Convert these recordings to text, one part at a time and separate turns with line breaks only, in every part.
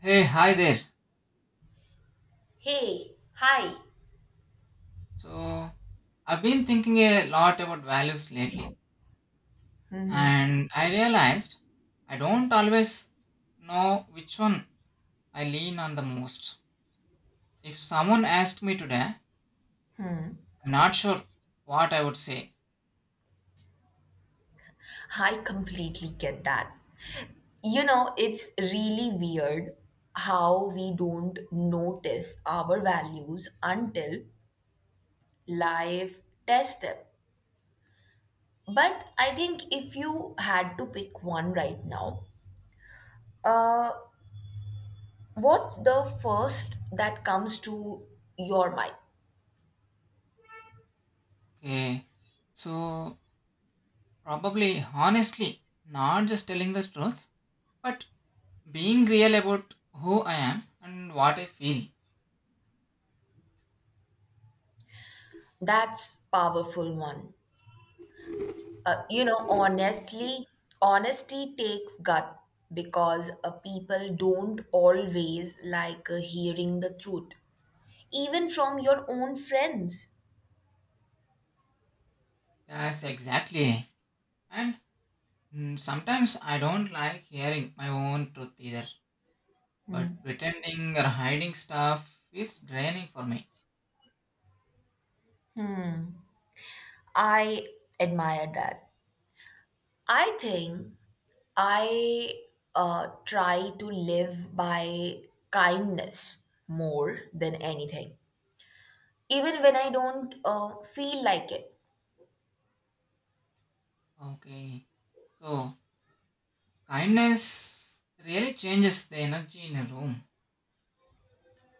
Hey, hi there.
Hey, hi.
So, I've been thinking a lot about values lately, and I realized I don't always know which one I lean on the most. If someone asked me today, I'm not sure what I would say.
I completely get that. You know, it's really weird how we don't notice our values until life tests them. But I think if you had to pick one right now, uh, what's the first that comes to your mind?
Okay, so probably honestly, not just telling the truth, but being real about who I am and what I feel.
That's powerful one. You know, honestly, honesty takes gut because people don't always like hearing the truth, even from your own friends.
Yes, exactly. And sometimes I don't like hearing my own truth either but pretending or hiding stuff feels draining for me.
I admire that. I think I try to live by kindness more than anything, even when I don't feel like it.
Okay. So, kindness really changes the energy in a room.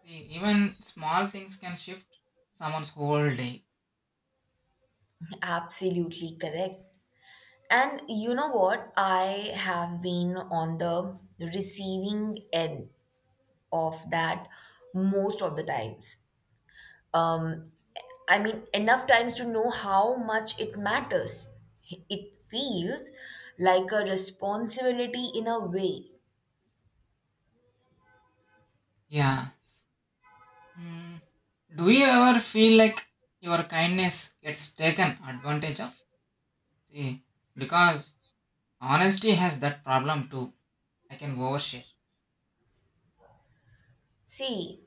See, even small things can shift someone's whole day.
Absolutely correct. And you know what? I have been on the receiving end of that most of the times. Um, I mean, enough times to know how much it matters. It feels like a responsibility in a way.
Yeah. Mm. Do you ever feel like your kindness gets taken advantage of? See, because honesty has that problem too. I can overshare.
See,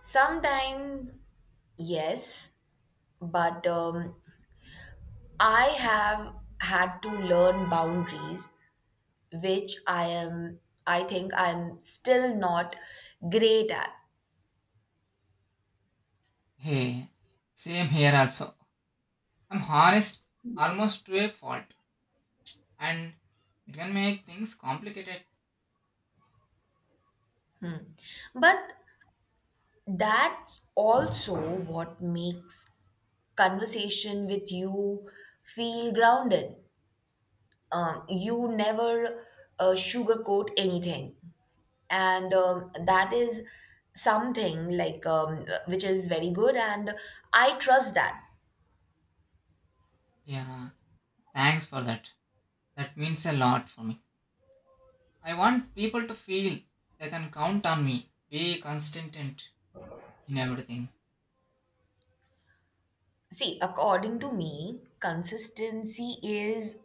sometimes, yes, but I have had to learn boundaries which I think I'm still not great at.
Hey, same here also. I'm honest almost to a fault, and it can make things complicated.
But that's also what makes conversation with you feel grounded. You never sugarcoat anything, and that is something like which is very good, and I trust that.
Yeah, thanks for that. That means a lot for me. I want people to feel they can count on me, be consistent in everything.
See, according to me, consistency is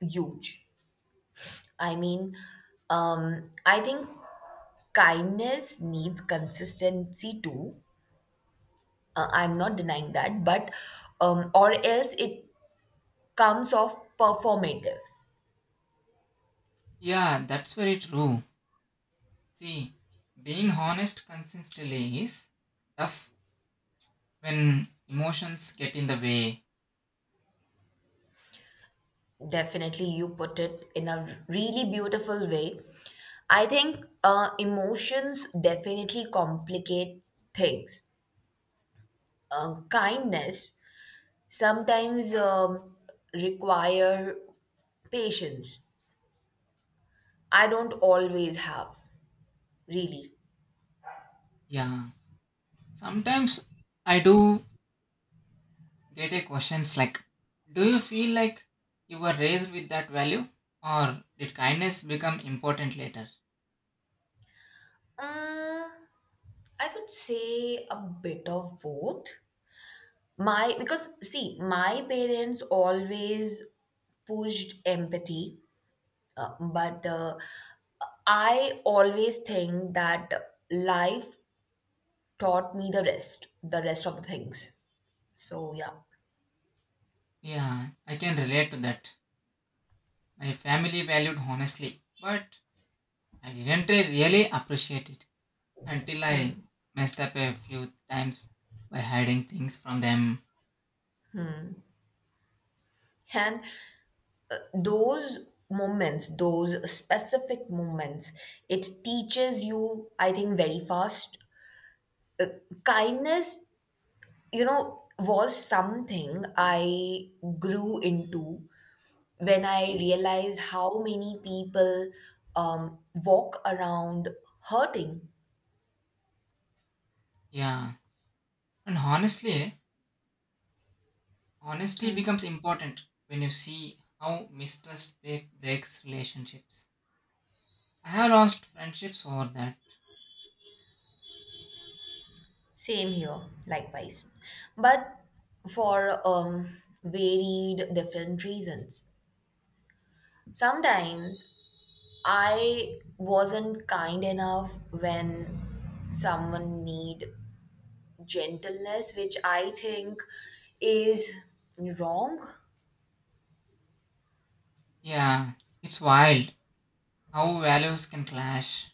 huge. I mean, I think kindness needs consistency too. I'm not denying that, but or else it comes off performative.
Yeah, that's very true. See, being honest consistently is tough when emotions get in the way.
Definitely, you put it in a really beautiful way. I think emotions definitely complicate things. Kindness sometimes require patience. I don't always have, really.
Yeah, sometimes I do get a questions like, do you feel like you were raised with that value? Or did kindness become important later?
Mm, I would say a bit of both. My because see, my parents always pushed empathy, but I always think that life taught me the rest of the things. So yeah,
Yeah, I can relate to that. My family valued honestly, but I didn't really appreciate it until I messed up a few times by hiding things from them.
and those moments, those specific moments, it teaches you, I think, very fast kindness, you know, was something I grew into when I realized how many people um, walk around hurting.
Yeah, and honestly, honesty becomes important when you see how breaks relationships. I have lost friendships over that.
Same here, likewise. But for varied different reasons. Sometimes I wasn't kind enough when someone need gentleness, which I think is wrong.
Yeah, it's wild how values can clash.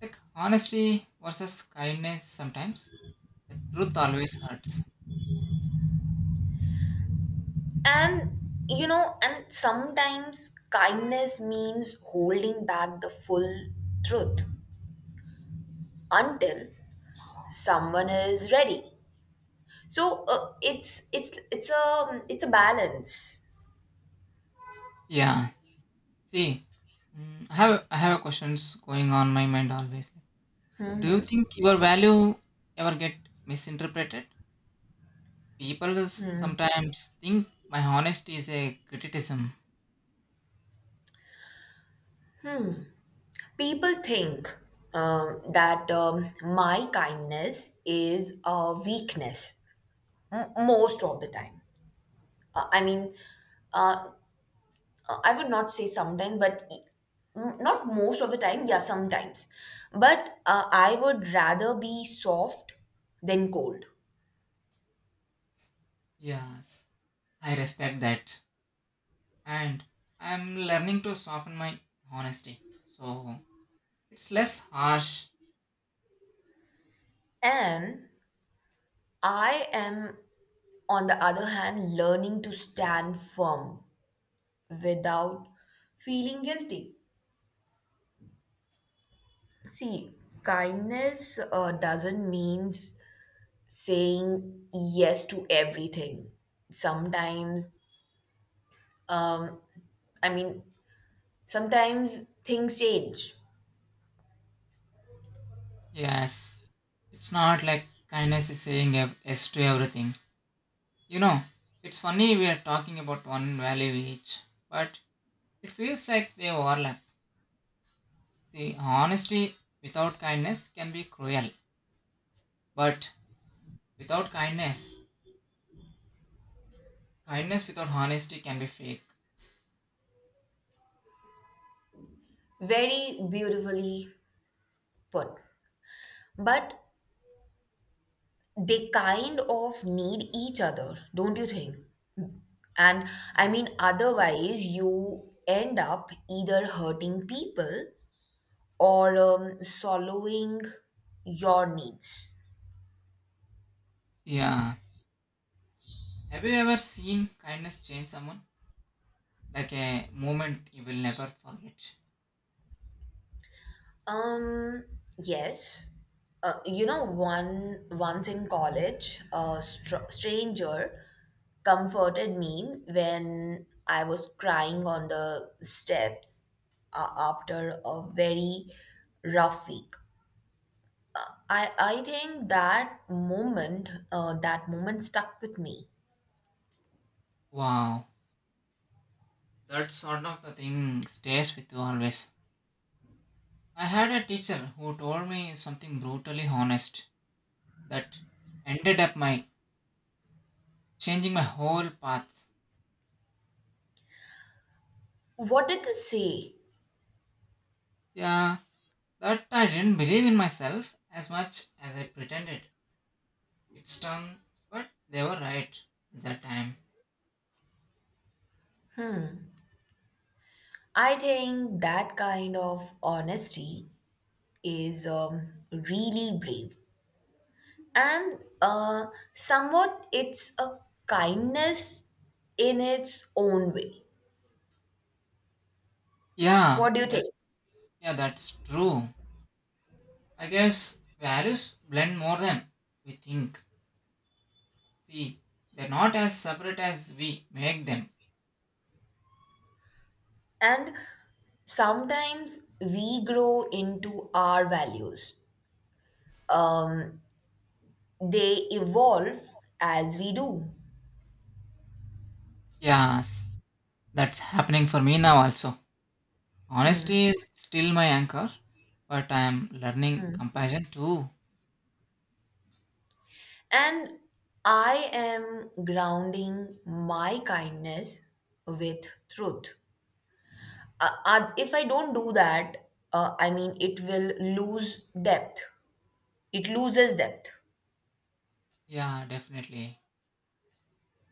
Like honesty versus kindness sometimes. The truth always hurts.
And you know, and sometimes kindness means holding back the full truth until someone is ready. So it's a balance.
Yeah. See, I have a questions going on my mind always. Do you think your value ever get misinterpreted? Sometimes think my honesty is a criticism.
People think that my kindness is a weakness most of the time. I mean, uh, I would not say sometimes, but not most of the time. Yeah, sometimes. But I would rather be soft than cold.
Yes, I respect that, and I'm learning to soften my honesty, so it's less harsh.
And I am, on the other hand, learning to stand firm without feeling guilty. See, kindness doesn't mean saying yes to everything. Sometimes, um, I mean, sometimes things change.
Yes, it's not like kindness is saying yes to everything. You know, it's funny we are talking about one value each, but it feels like they overlap. See, honesty without kindness can be cruel, but without kindness, kindness without honesty can be fake.
Very beautifully put. But they kind of need each other, don't you think? And I mean,
Yes.
otherwise, you end up either hurting people or swallowing your needs.
Yeah. Have you ever seen kindness change someone? Like a moment you will never forget.
Um, yes. You know, one once in college, a stranger comforted me when I was crying on the steps after a very rough week. I think that moment stuck with me.
Wow. That sort of the thing stays with you always. I had a teacher who told me something brutally honest that ended up my changing my whole path.
What did they say?
Yeah, that I didn't believe in myself as much as I pretended. It's done, but they were right at that time.
I think that kind of honesty is really brave. And somewhat it's a kindness in its own way.
Yeah,
What do you
that's
think?
yeah, that's true. I guess values blend more than we think. See, they're not as separate as we make them.
And sometimes we grow into our values, um, they evolve as we do.
Yes, that's happening for me now also. Honesty is still my anchor, but I am learning compassion too.
And I am grounding my kindness with truth. If I don't do that, I mean, it will lose depth. It loses depth.
Yeah, definitely.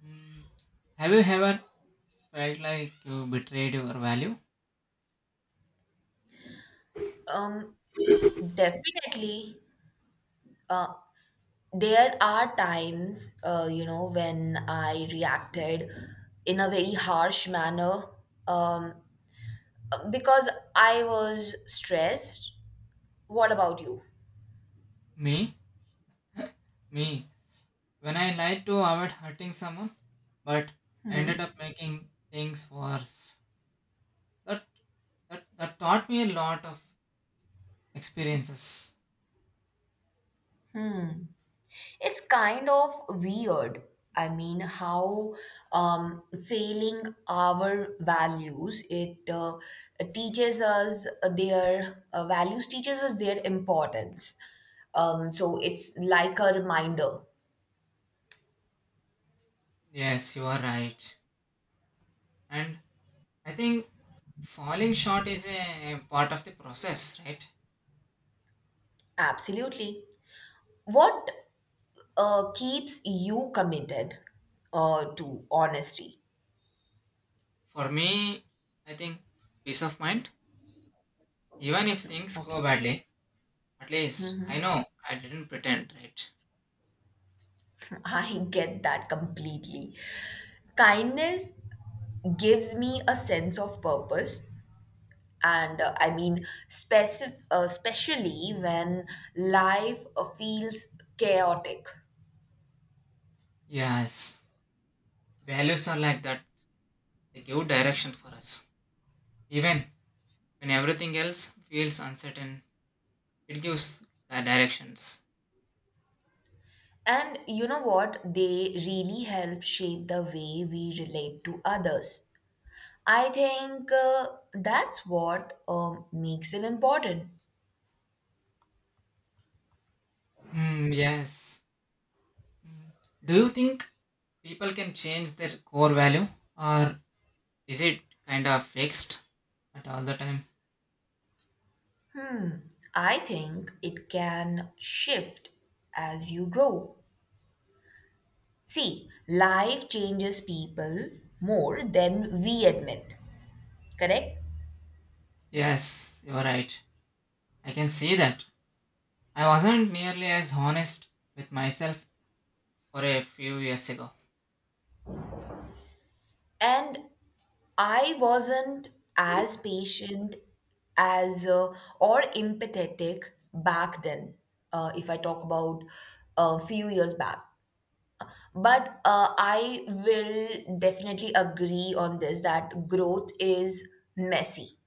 Mm, have you ever felt like you betrayed your value?
Um, Definitely, there are times, you know, when I reacted in a very harsh manner, um, because I was stressed. What about you?
Me? Me. When I lied to avoid hurting someone? But ended up making things worse. That that taught me a lot of experiences.
It's kind of weird. I mean, how um, failing our values it teaches us their values teaches us their importance. So it's like a reminder.
Yes, you are right. And I think falling short is a part of the process, right?
Absolutely. What keeps you committed to honesty?
For me, I think peace of mind. Even if things go
Okay.
badly, at least I know I didn't pretend, right?
I get that completely. Kindness gives me a sense of purpose, and I mean, especially when life feels chaotic.
Yes. Values are like that. They give direction for us. Even when everything else feels uncertain, it gives directions.
And you know what? They really help shape the way we relate to others. I think that's what makes them important.
Mm, yes. Mm. Do you think people can change their core value or is it kind of fixed at all the time?
I think it can shift as you grow. See, life changes people more than we admit, correct?
Yes, you're right. I can see that. I wasn't nearly as honest with myself for a few years ago.
And I wasn't as patient as or empathetic back then, if I talk about a few years back. But I will definitely agree on this that growth is messy,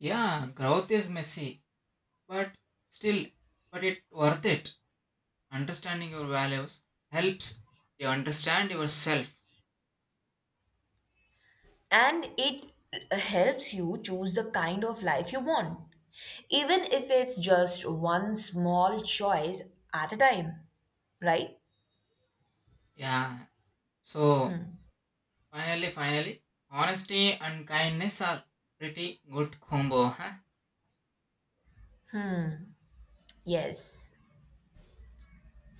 Yeah, growth is messy, but still, but it worth it. Understanding your values helps you understand yourself.
and it helps you choose the kind of life you want, even if it's just one small choice at a time, right?
Yeah. So Finally, honesty and kindness are pretty good combo, huh?
Yes.